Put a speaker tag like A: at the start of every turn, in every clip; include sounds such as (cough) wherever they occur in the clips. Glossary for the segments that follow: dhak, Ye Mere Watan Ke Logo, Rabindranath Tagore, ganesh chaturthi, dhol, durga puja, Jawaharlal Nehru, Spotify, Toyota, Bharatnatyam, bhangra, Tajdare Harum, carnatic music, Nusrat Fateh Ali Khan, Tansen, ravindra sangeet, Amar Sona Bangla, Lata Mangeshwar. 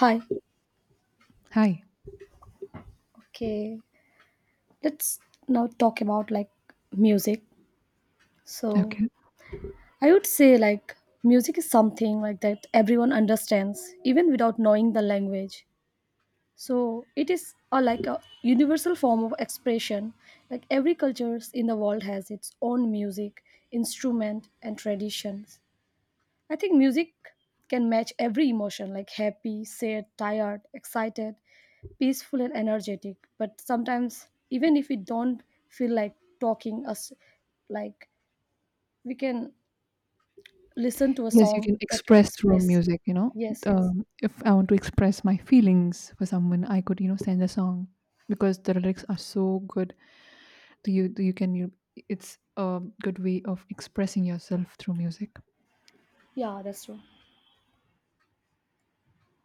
A: Hi.
B: Hi.
A: Okay. Let's now talk about music. So,
B: Okay.
A: I would say like music is something like that everyone understands even without knowing the language. So, it is a like a universal form of expression. Like every cultures in the world has its own music, instrument and traditions. I think music can match every emotion like happy, sad, tired, excited, peaceful, and energetic. But sometimes, even if we don't feel like talking, us like we can listen to a
B: Yes, you
A: song
B: can
A: that can
B: express through
A: express.
B: music,
A: Yes, yes.
B: If I want to express my feelings for someone, I could, send a song because the lyrics are so good. Do you can you it's a good way of expressing yourself through music.
A: Yeah, that's true.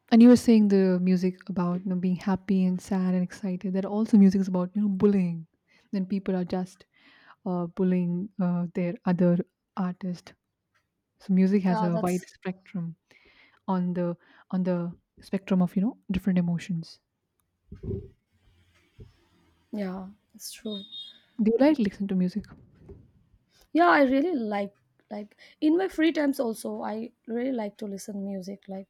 B: And you were saying the music about being happy and sad and excited. There are also music is about, bullying. Then people are just bullying their other artist. So music has
A: Yeah,
B: a wide
A: that's
B: spectrum. on the on the spectrum of different emotions.
A: yeah, that's true.
B: Do you like listen to music?
A: Yeah, I really like in my free times also I really like to listen music. Like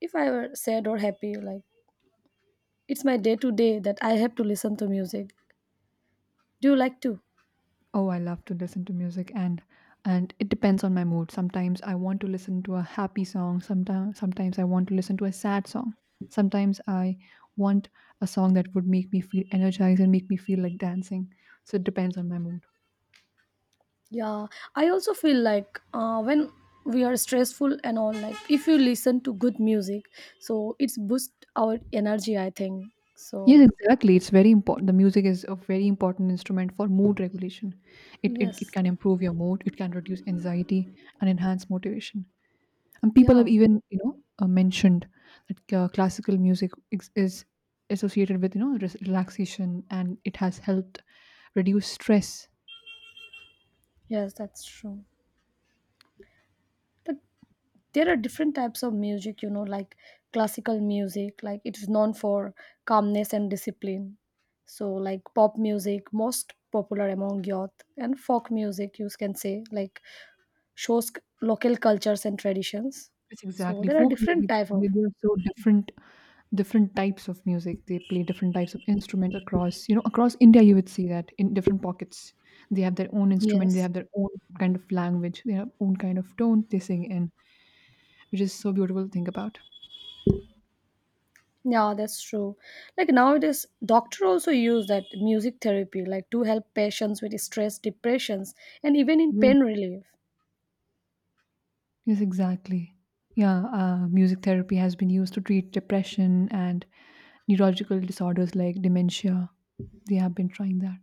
A: if I were sad or happy, like it's my day to day that I have to listen to music. Do you like to?
B: Oh, I love to listen to music, and it depends on my mood. Sometimes I want to listen to a happy song. Sometimes I want to listen to a sad song. Sometimes I want a song that would make me feel energized and make me feel like dancing, so it depends on my mood.
A: Yeah, I also feel like when we are stressful and all, like if you listen to good music, so it's boost our energy. I think so.
B: Yes, exactly. It's very important. The music is a very important instrument for mood regulation. It
A: Yes,
B: can improve your mood. It can reduce anxiety and enhance motivation. And people have
A: yeah,
B: even, mentioned that classical music is associated with, relaxation, and it has helped reduce stress.
A: yes, that's true. But there are different types of music, you know, like classical music, like it is known for calmness and discipline. So, like pop music, most popular among youth, and folk music, you can say, like shows local cultures and traditions,
B: It's
A: so
B: exactly
A: there are
B: folk
A: different
B: music.
A: type of.
B: They are so different, different types of music. They play different types of instruments across India. You would see that in different pockets, they have their own instrument. They
A: Yes,
B: have their own kind of language. They have own kind of tone they sing in, which is so beautiful to think about.
A: yeah, that's true. Like nowadays doctor also use that music therapy like to help patients with stress depressions and even in pain relief.
B: Yes, exactly. Yeah, music therapy has been used to treat depression and neurological disorders like dementia. They have been trying that.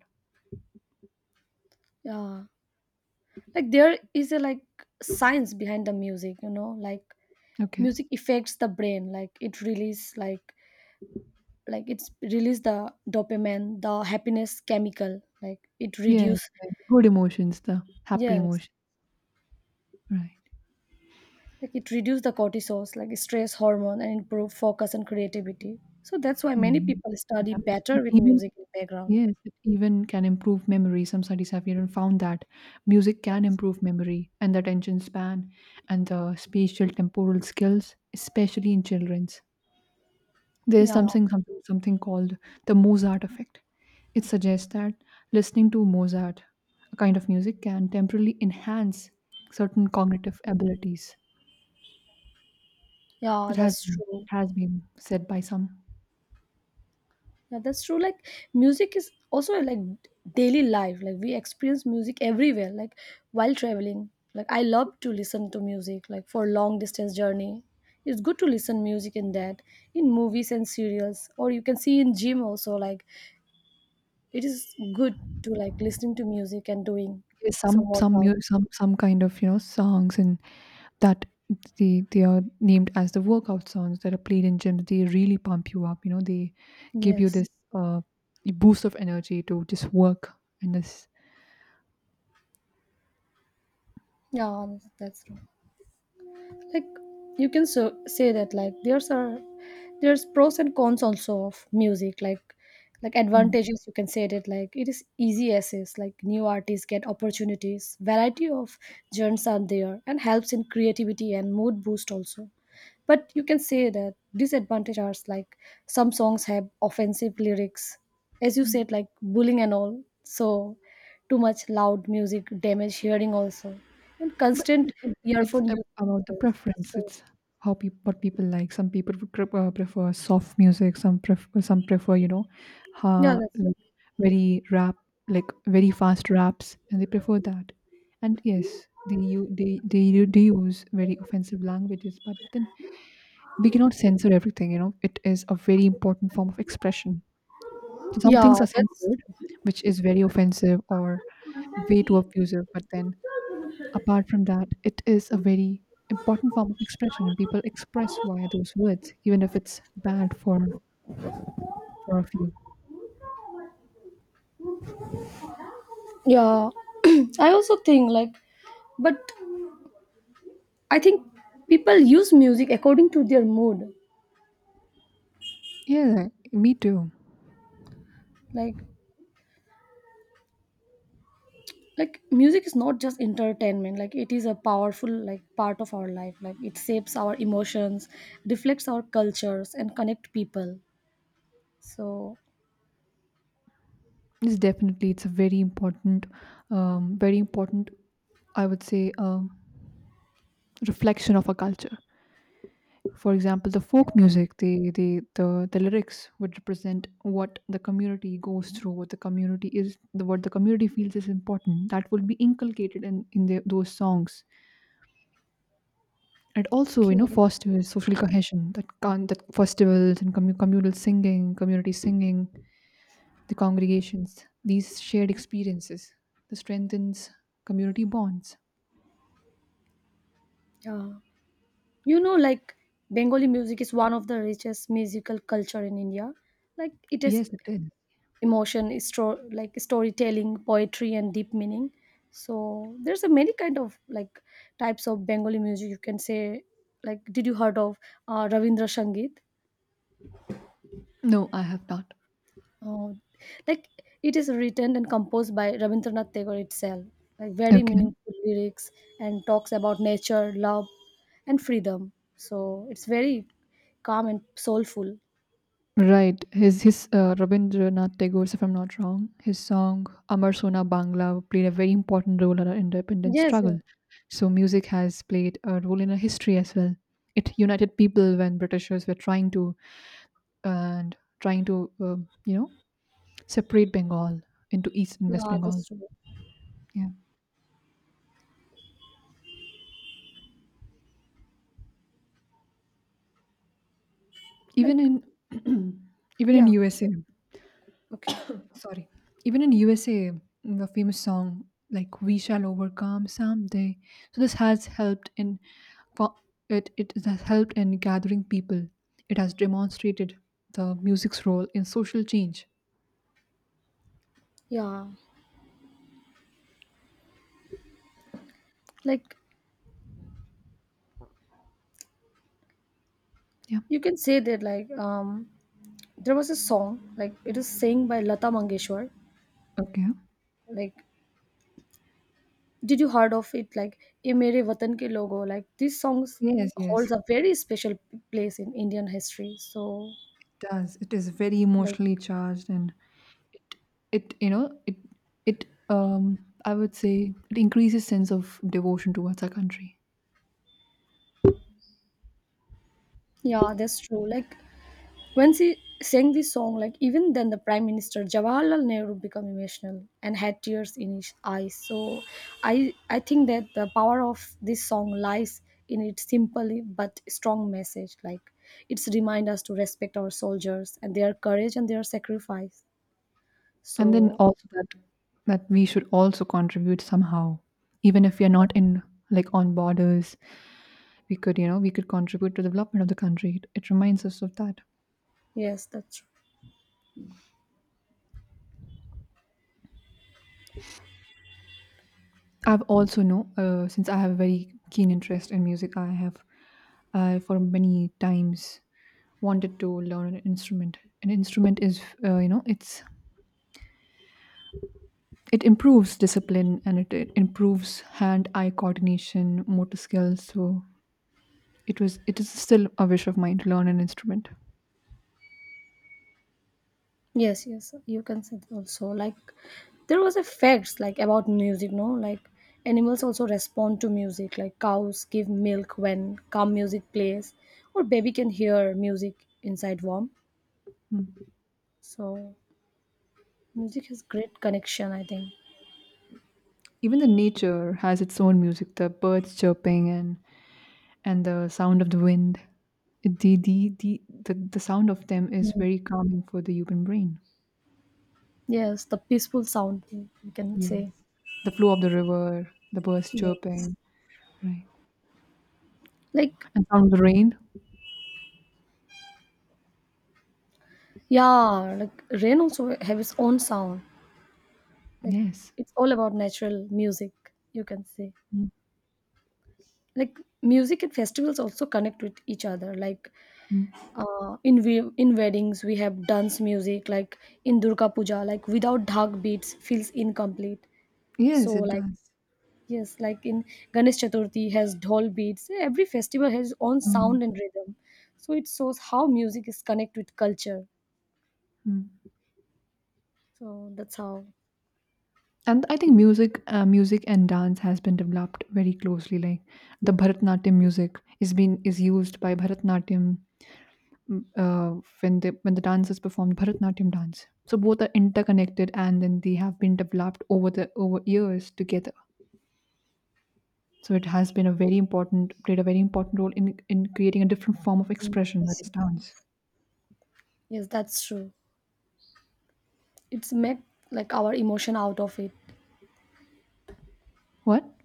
A: Yeah, like there is a, science behind the music, you know, like
B: Okay.
A: music affects the brain like it release like, it's release the dopamine, the happiness chemical, like it
B: Yes,
A: reduce.
B: like the good emotions, the happy
A: Yes,
B: emotion. Right.
A: like it reduces the cortisol like stress hormone and improve focus and creativity, so that's why many
B: Mm.
A: people study
B: That is-
A: better
B: it
A: with
B: even
A: music in background.
B: yes, it even can improve memory. Some studies have even found that music can improve memory and the attention span and the spatial temporal skills, especially in children. There is
A: Yeah.
B: something called the Mozart effect. It suggests that listening to Mozart, a kind of music, can temporarily enhance certain cognitive abilities.
A: Yeah,
B: It has
A: that's
B: been it
A: true.
B: has been said by some.
A: Yeah, that's true. Like music is also like daily life, like we experience music everywhere, like while traveling, like I love to listen to music like for long distance journey. It's good to listen music in that, in movies and serials, or you can see in gym also, like it is good to like listening to music and doing
B: Yes,
A: some
B: some
A: workout.
B: mu- some kind of songs, and that they are named as the workout songs that are played in gyms. They really pump you up. You know they give you
A: Yes.
B: this uh, boost of energy to just work and this.
A: Yeah, that's, true. Like you can so say that like there's pros and cons also of music. Like
B: Mm.
A: advantages you can say that like it is easy access, like new artists get opportunities, variety of genres are there and helps in creativity and mood boost also. But you can say that disadvantage are like some songs have offensive lyrics, as you said, like bullying and all. So too much loud music damage hearing also, and
B: But it
A: constant
B: it it's
A: earphone
B: ab
A: use
B: about the
A: cause
B: preference.
A: stress.
B: It's how peop what people like. Some people would prefer soft music. Some prefer,
A: Yeah, that's true.
B: like very rap, like very fast raps, and they prefer that. And yes, they you they u- they use very offensive languages. But then we cannot censor everything. It is a very important form of expression. So some
A: Yeah,
B: things are
A: that's
B: censored, which is very offensive or way too abusive. But then Apart from that, it is a very important form of expression, and people express via those words, even if it's bad for a few.
A: yeah. (clears throat) I also think like, but I think people use music according to their mood.
B: Yeah, me too.
A: Like like music is not just entertainment, like it is a powerful like part of our life, like it shapes our emotions, reflects our cultures and connect people, so.
B: It's definitely it's a very important, very important, I would say, um, reflection of a culture. For example, the folk music, the the lyrics would represent what the community goes through, what the community is, what the community feels is important. That would be inculcated those songs. It also,
A: Okay.
B: fosters social cohesion. That festivals and communal singing, community singing, the congregations, these shared experiences, this strengthens community bonds.
A: Yeah. You know, like Bengali music is one of the richest musical culture in India. Like it is
B: Yes, it is.
A: emotion is like storytelling, poetry and deep meaning, so there's a many kind of like types of Bengali music, you can say. Like did you heard of Ravindra Sangeet?
B: No, I have not.
A: Oh, like it is written and composed by Rabindranath Tagore itself. Like very
B: Okay.
A: meaningful lyrics and talks about nature, love, and freedom. So it's very calm and soulful.
B: Right. His Rabindranath Tagore, if I'm not wrong, his song Amar Sona Bangla played a very important role in our independence
A: Yes, yeah,
B: struggle. So music has played a role in our history as well. It united people when Britishers were trying to you know separate Bengal into East and West
A: yeah,
B: Bengal.
A: that's true.
B: Yeah, even
A: Like,
B: in (clears throat) even
A: yeah,
B: in USA,
A: okay,
B: sorry, even in USA, the famous song like "We Shall Overcome" someday. So this has helped in co- it has helped in gathering people. It has demonstrated the music's role in social change.
A: yeah, like
B: Yeah.
A: you can say that. Like, there was a song like it is sang by Lata Mangeshwar.
B: Okay.
A: Like did you heard of it? Like "Ye Mere Watan Ke Logo." Like these songs
B: Yes.
A: holds
B: Yes,
A: a very special place in Indian history. So,
B: does. It is very
A: like
B: emotionally charged, and it it you know it it I would say it increases sense of devotion towards our country.
A: yeah, that's true. Like when she sang this song, like even then the Prime Minister Jawaharlal Nehru became emotional and had tears in his eyes. So I think that the power of this song lies in its simple but strong message. Like it's remind us to respect our soldiers and their courage and their sacrifice.
B: And then
A: So
B: also that we should also contribute somehow. Even if we are not in like on borders, we could contribute to the development of the country. It reminds us of that.
A: yes, that's true.
B: I've also know since I have a very keen interest in music, I have I for many times wanted to learn An instrument is you know it's it improves discipline, and it improves hand eye coordination motor skills, so it is still a wish of mine to learn an instrument.
A: Yes, yes, you can say that also like there was a facts like about music, no? Like animals also respond to music, like cows give milk when calm music plays, or baby can hear music inside warm.
B: Mm.
A: So music has great connection, I think.
B: Even the nature has its own music, the birds chirping, and the sound of the wind. It- the the the the sound of them is
A: Mm.
B: very calming for the human brain.
A: Yes, the peaceful sound you can
B: Yes,
A: say.
B: the flow of the river, the birds
A: Yes.
B: chirping. Right.
A: Like
B: And sound of the rain.
A: yeah, like rain also have its own sound. Like
B: Yes.
A: it's all about natural music, you can say.
B: Mm.
A: Like music and festivals also connect with each other, like in weddings we have dance music, like in Durga Puja like without dhak beats feels incomplete.
B: Yes,
A: So
B: it
A: like
B: does.
A: yes, like in Ganesh Chaturthi has dhol beats, every festival has its own
B: Mm,
A: sound and rhythm, so it shows how music is connected with culture.
B: mm.
A: So that's how.
B: And I think music and dance has been developed very closely. Like the Bharatnatyam music is used by Bharatnatyam, when the dancers perform Bharatnatyam dance. So both are interconnected, and then they have been developed over years together. So it has been a very important played a very important role in creating a different form of
A: Mm,
B: expression,
A: yes,
B: that is
A: yes,
B: dance.
A: yes. Yes, that's true, it's make like our emotion out of it.
B: What?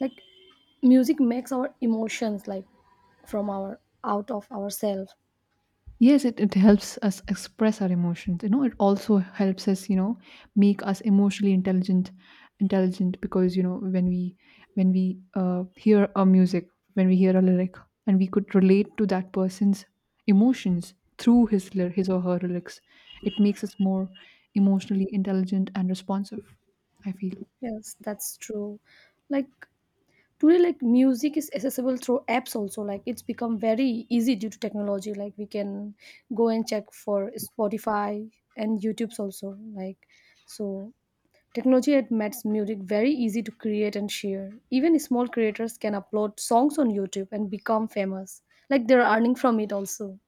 A: Like music makes our emotions, like from our out of ourselves.
B: Yes, it helps us express our emotions. It also helps us, make us emotionally intelligent because when we hear a music, when we hear a lyric, and we could relate to that person's emotions through his his or her lyrics. It makes us more emotionally intelligent and responsive, I feel.
A: Yes, that's true. Like today, like music is accessible through apps also, like it's become very easy due to technology, like we can go and check for Spotify and YouTube's also, like, so technology had makes music very easy to create and share, even small creators can upload songs on YouTube and become famous, like they're earning from it also.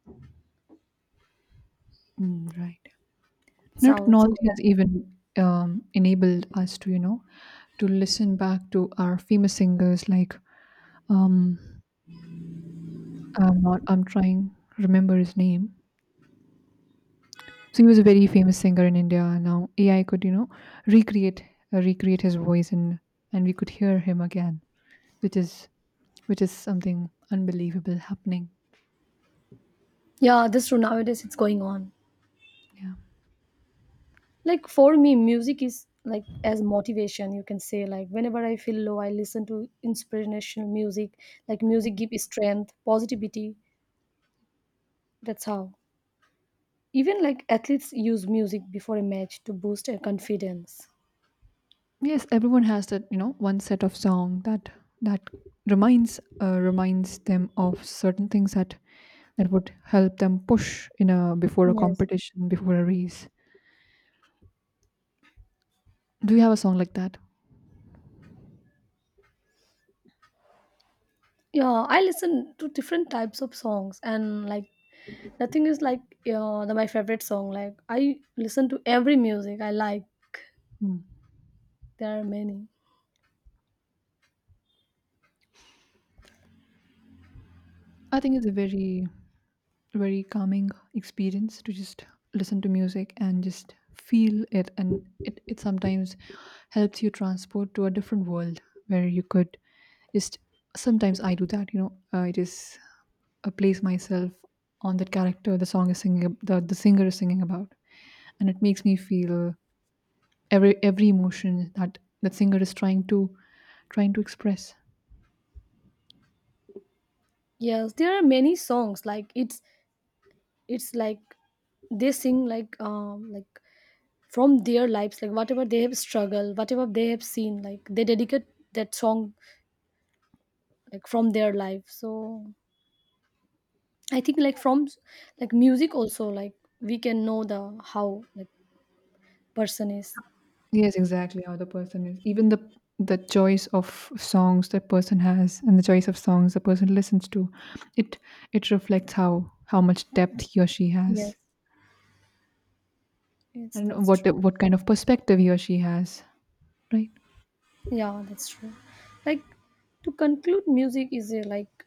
B: Mm, right. Now,
A: Sounds
B: technology
A: cool.
B: has even enabled us to to listen back to our famous singers, like, um I'm not I'm trying remember his name. So he was a very famous singer in India. Now AI could, recreate, recreate his voice, and we could hear him again, which is which is something unbelievable happening.
A: Yeah, this true, nowadays it's going on.
B: Yeah.
A: Like for me, music is like as motivation, you can say, like whenever I feel low, I listen to inspirational music. Like music gives strength, positivity. That's how. Even like athletes use music before a match to boost their confidence.
B: Yes, everyone has that, one set of song that reminds, reminds them of certain things, that would help them push in a before a
A: Yes.
B: competition, before a race. Do you have a song like that?
A: Yeah, I listen to different types of songs and like nothing is like yeah, the, my favorite song. Like I listen to every music I like.
B: Hmm.
A: There are many.
B: I think it's a very, very calming experience to just listen to music and just feel it. And it sometimes helps you transport to a different world where you could just. Sometimes I do that, you know, I just, place myself on that character the song is singing, the singer is singing about, and it makes me feel every emotion that singer is trying to express.
A: Yes, there are many songs. Like it's like they sing like from their lives, like whatever they have struggled, whatever they have seen, like they dedicate that song like from their life. So I think like from, like music also like we can know the how like person is.
B: Yes, exactly how the person is. Even the choice of songs the person has and the choice of songs the person listens to, it it reflects how much depth he or she has,
A: Yes, yes,
B: and
A: that's
B: what
A: true.
B: what kind of perspective he or she has, right?
A: Yeah, that's true. Like to conclude, music is a like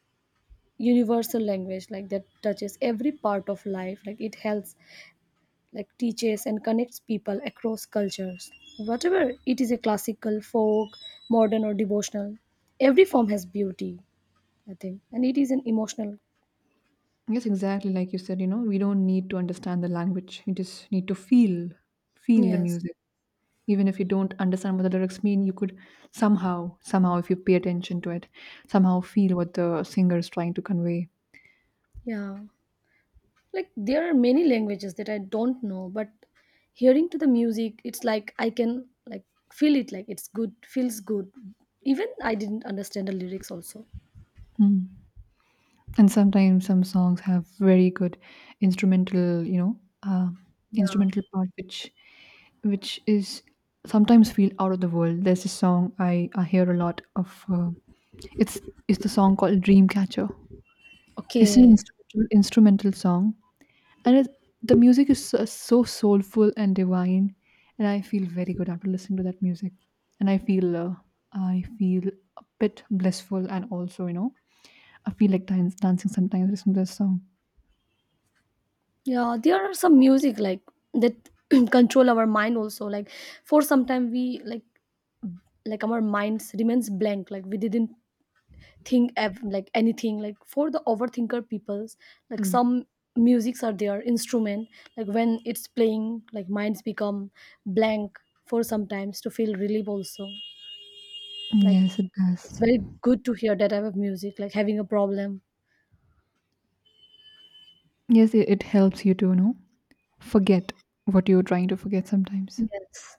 A: universal language like that touches every part of life, like it helps, like teaches and connects people across cultures. Whatever it is a classical, folk, modern, or devotional, every form has beauty, I think, and it is an emotional.
B: Yes, exactly. Like you said, we don't need to understand the language. You just need to feel the
A: Yes,
B: music. Even if you don't understand what the lyrics mean, you could somehow, if you pay attention to it, somehow feel what the singer is trying to convey.
A: yeah. Like there are many languages that I don't know, but hearing to the music, it's like I can like feel it, like it's good, feels good. Even I didn't understand the lyrics also.
B: Hmm. And sometimes some songs have very good instrumental you know
A: Yeah.
B: instrumental part, which is sometimes feel out of the world. There's a song I hear a lot of it's it's the song called Dreamcatcher. It's an
A: Okay.
B: instrumental song, and the music is so, so soulful and divine, and I feel very good after listening to that music. And I feel a bit blissful, and also, I feel like dancing sometimes listening to this song.
A: Yeah, there are some music like that (clears throat) control our mind also. Like for some time we like, our minds remains blank. Like we didn't think like anything. Like for the overthinker peoples, like
B: Mm.
A: some musics are their instrument. Like when it's playing, like minds become blank for sometimes to feel relief also. Like
B: Yes, it does.
A: it's very good to hear that type of music. Like having a problem.
B: Yes, it helps you to, forget what you're trying to forget sometimes.
A: Yes.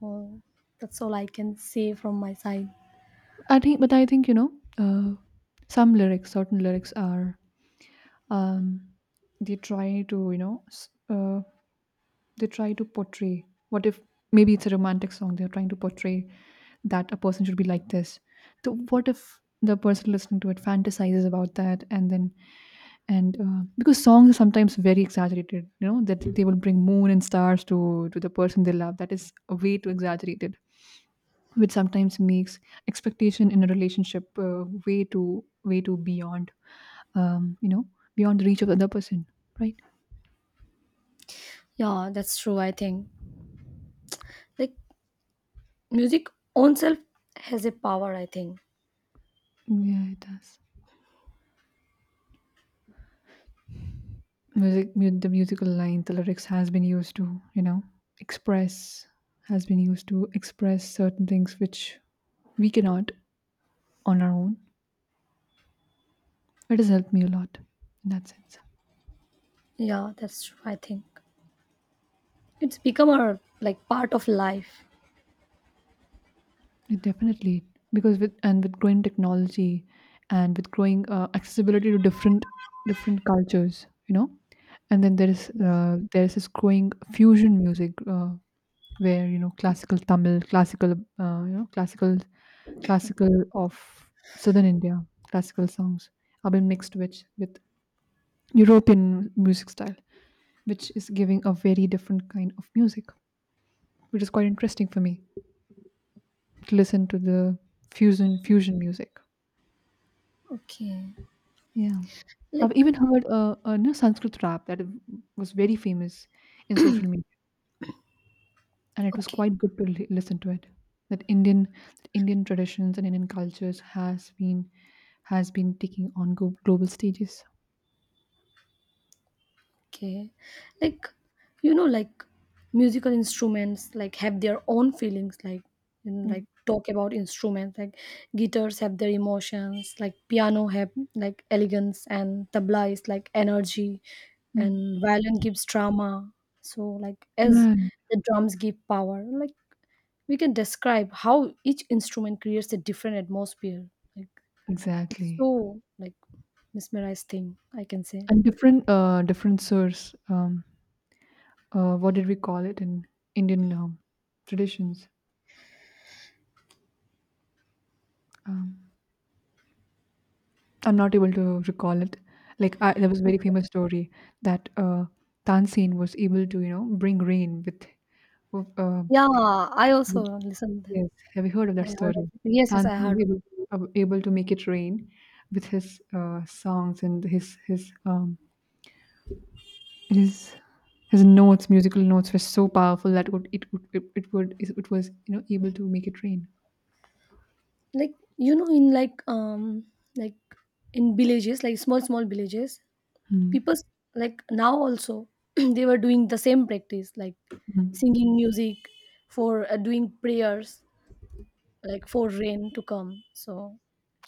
A: So that's all I can say from my side.
B: I think, uh, some lyrics, certain lyrics um, they try to, they try to portray, what if maybe it's a romantic song, they're trying to portray that a person should be like this. So what if the person listening to it fantasizes about that, and then and because songs are sometimes very exaggerated, you know, that they will bring moon and stars to the person they love. That is way too exaggerated, which sometimes makes expectation in a relationship way too beyond, um, you know, beyond the reach of the other person, right?
A: Yeah, that's true, I think. Like music own self has a power, I think.
B: Yeah, it does. The musical line, the lyrics has been used to express, has been used to express certain things which we cannot on our own. It has helped me a lot in that sense.
A: Yeah, that's true, I think. It's become a like part of life.
B: It definitely, because with and with growing technology and with growing accessibility to different different cultures, and then
A: Yes.
B: there is this growing fusion music, where you know classical Tamil, classical classical classical of southern India, classical songs have been mixed with European music style, which is giving a very different kind of music, which is quite interesting for me to listen to the fusion music.
A: Okay.
B: Yeah, I've
A: Like
B: even heard a new Sanskrit rap that was very famous in social media. And it was
A: okay.
B: quite good to listen to it, that indian traditions and indian cultures has been, has been taking on global stages.
A: Okay. Like, you know, like musical instruments like have their own feelings, like you know,
B: Mm,
A: like talk about instruments, like guitars have their emotions, like piano have like elegance and tabla is like energy
B: mm.
A: and violin gives drama. So like as
B: Right.
A: the drums give power, like we can describe how each instrument creates a different atmosphere. Like it's
B: Exactly.
A: so like mesmerized thing, I can say.
B: And different different source, what did we call it in indian traditions? um I'm not able to recall it. Like I, there was a very famous story that tansen was able to bring rain with, uh,
A: Yeah, I also listen then.
B: yes, have you heard of
A: I
B: that
A: heard of
B: story?
A: it. Yes, yes,
B: Tanzim
A: I heard
B: was
A: of it.
B: able to, able to make it rain with his songs and his his his notes. Musical notes were so powerful that would it would it was, you know, able to make it rain.
A: Like you know, in like in villages, like small small villages,
B: Mm,
A: people like now also (clears throat) they were doing the same practice, like
B: mm.
A: singing music for doing prayers, like for rain to come. So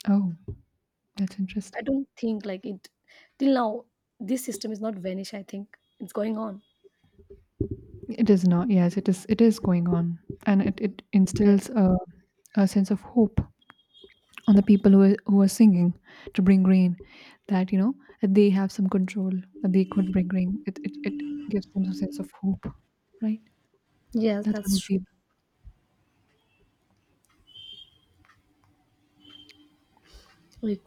B: Oh, that's
A: I
B: interesting.
A: don't think like it till now this system is not vanished. I think it's going on.
B: It is not. Yes, it is. It is going on, and it
A: Yeah.
B: instills a sense of hope on the people who are singing to bring rain, that you know, that they have some control, that they could bring rain. It gives them a sense of hope, right?
A: Yes,
B: That's what
A: that's
B: we
A: true.
B: feel.
A: Like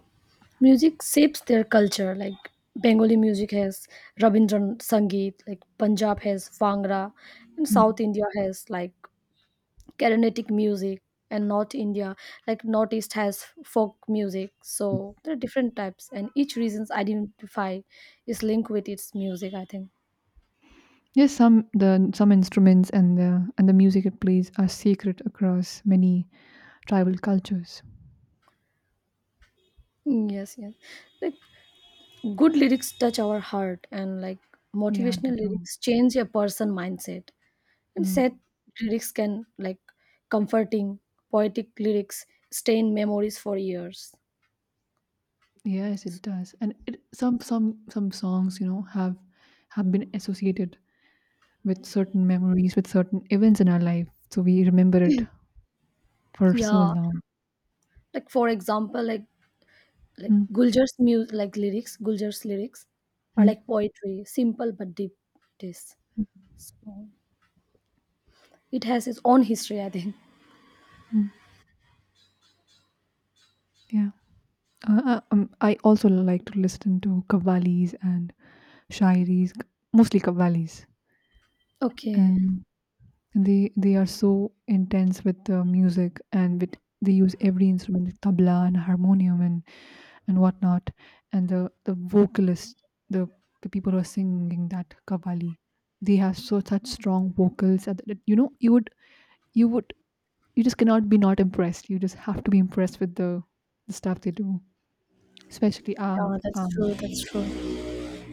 A: music shapes their culture, like Bengali music has Rabindran Sangeet, like Punjab has Bhangra, and
B: Hmm.
A: South India has like Carnatic music, and North India, like Northeast has folk music. So there are different types and each region's identify is linked with its music, I think.
B: Yes, some, the, some instruments and the, and the music it plays are sacred across many tribal cultures.
A: Mm, yes, yes. Like good lyrics touch our heart and like
B: Yeah, they
A: motivational
B: do.
A: lyrics change a person mindset, and sad
B: Mm.
A: lyrics can like comforting, poetic lyrics stay in memories for years.
B: Yes, it
A: So,
B: does. And it, some songs, you know, have been associated with certain memories, with certain events in our life, so we remember it for so
A: yeah,
B: long.
A: like for example like,
B: Hmm,
A: Guljar's music, like lyrics, Guljar's lyrics are
B: hmm,
A: like poetry, simple but deep. This,
B: hmm,
A: so it has its own history, I think.
B: hmm. Yeah. I also like to listen to kavali's and shairis, mostly kavali's,
A: Okay, yeah,
B: and they are so intense with the music, and with, they use every instrument, like tabla and harmonium and whatnot, and the vocalist, the the people who are singing that kavali, they have so such strong vocals that, that you know you would, you would, you just cannot be not impressed. You just have to be impressed with the stuff they do. Especially,
A: that's true, that's true.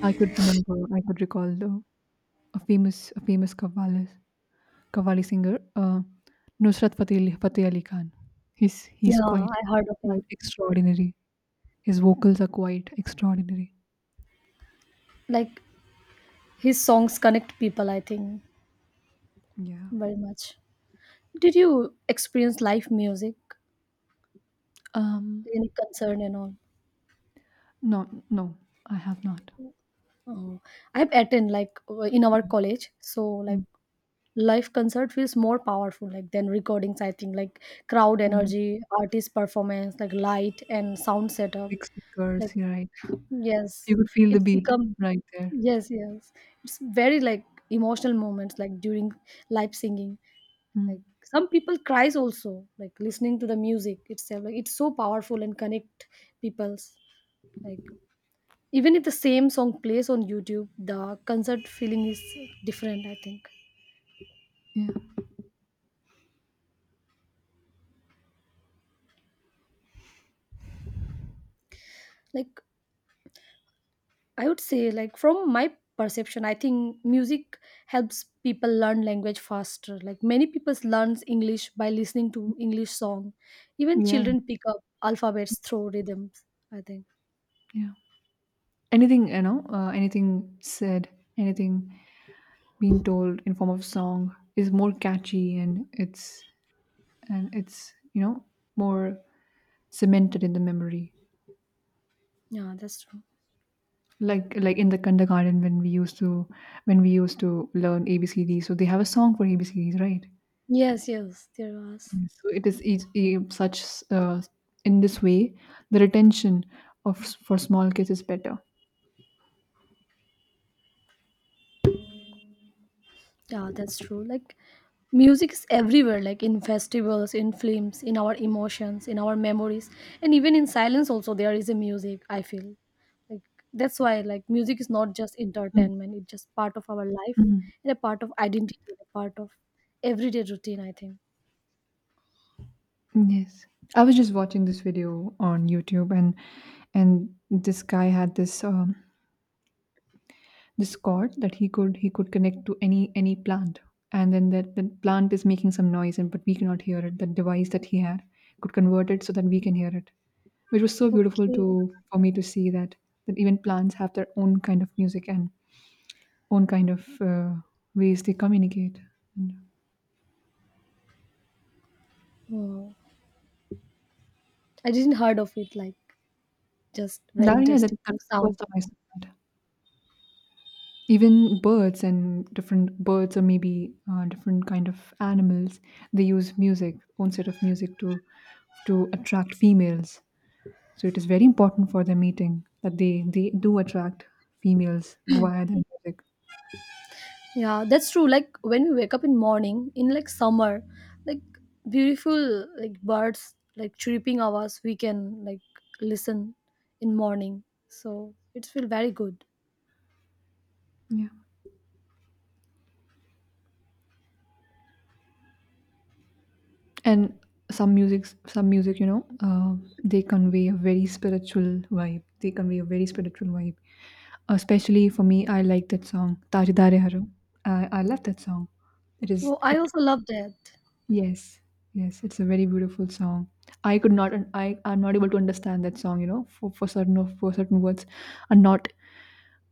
B: I could remember, I could recall the, a famous Qawwali, Qawwali singer, Nusrat Fateh Ali, Fateh Ali Khan. He's
A: Yeah,
B: quite
A: I heard of him.
B: quite extraordinary. His vocals are quite extraordinary.
A: Like his songs connect people, I think,
B: Yeah.
A: very much. Did you experience live music,
B: Um.
A: any concern and all?
B: No, no, I have not.
A: Oh, I've attended like in our
B: Mm,
A: college, so like
B: mm,
A: live concert feels more powerful like than recordings. I think like crowd
B: mm.
A: energy, artist performance, like light and sound setup.
B: Big
A: Like
B: speakers, yeah, right? You
A: yes,
B: could feel the
A: it's
B: beat
A: become.
B: right there.
A: Yes, yes. It's very like emotional moments like during live singing. Like
B: Mm.
A: some people cries also like listening to the music itself. Like it's so powerful and connect people's, like even if the same song plays on YouTube, the concert feeling is different, I think.
B: Yeah.
A: Like I would say, like from my perception, I think music helps people learn language faster, like many people learns English by listening to English song. Even
B: Yeah.
A: children pick up alphabets through rhythms, I think.
B: Yeah. Anything, you know? Anything said? Anything being told in form of song is more catchy, and it's you know, more cemented in the memory.
A: Yeah, that's true.
B: Like in the kindergarten, when we used to, when we used to learn abcd, so they have a song for abcds, right?
A: Yes, yes, there was.
B: So it is such, uh, in this way, the retention of for small kids is better.
A: Yeah, that's true. Like music is everywhere, like in festivals, in films, in our emotions, in our memories, and even in silence also there is a music, I feel. Like that's why like music is not just
B: Mm.
A: entertainment, it's just part of our life
B: Mhm.
A: and a part of identity, a part of everyday routine, I think.
B: Yes, I was just watching this video on youtube, and this guy had this this cord that he could, he could connect to any plant, and then that the plant is making some noise, and but we cannot hear it. The device that he had could convert it so that we can hear it, which was so beautiful to,
A: Okay.
B: for me to see that, that even plants have their own kind of music and own kind of ways they communicate. And
A: Hmm. I didn't heard of it, like just very
B: that, yeah, that,
A: interesting
B: that was the first
A: sound.
B: time I saw that, even birds and different birds, or maybe different kind of animals, they use music, own set of music to attract females. So it is very important for the meeting that they do attract females via the music.
A: Yeah, that's true. Like when we wake up in morning in like summer, like beautiful like birds like chirping hours we can like listen in morning. So it feel very good.
B: Yeah, and some music, you know, they convey a very spiritual vibe. They convey a very spiritual vibe. Especially for me, I like that song "Tajdare Harum." I love that song. It is
A: Well, I
B: it.
A: also love that.
B: Yes, yes, it's a very beautiful song. I could not, I am not able to understand that song. You know, for certain of for certain words, are not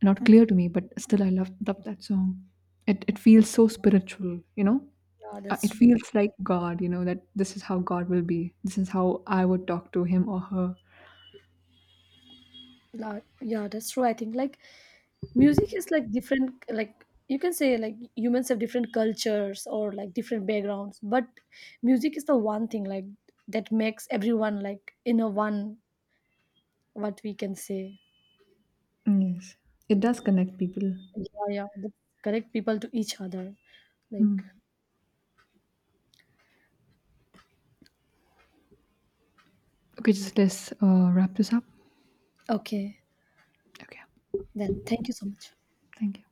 B: not clear to me, but still I love that song. It feels so spiritual, you know.
A: Yeah, that's
B: It
A: true.
B: feels like god, you know, that this is how god will be, this is how I would talk to him or her.
A: Like, yeah, that's true. I think like music is like different. Like you can say like humans have different cultures or like different backgrounds, but music is the one thing like that makes everyone like in a one. What we can say.
B: Yes, it does connect people.
A: Yeah, yeah. They correct people to each other.
B: Hmm.
A: Like,
B: Okay, just let's wrap this up.
A: okay,
B: Okay,
A: then thank you so much.
B: thank you.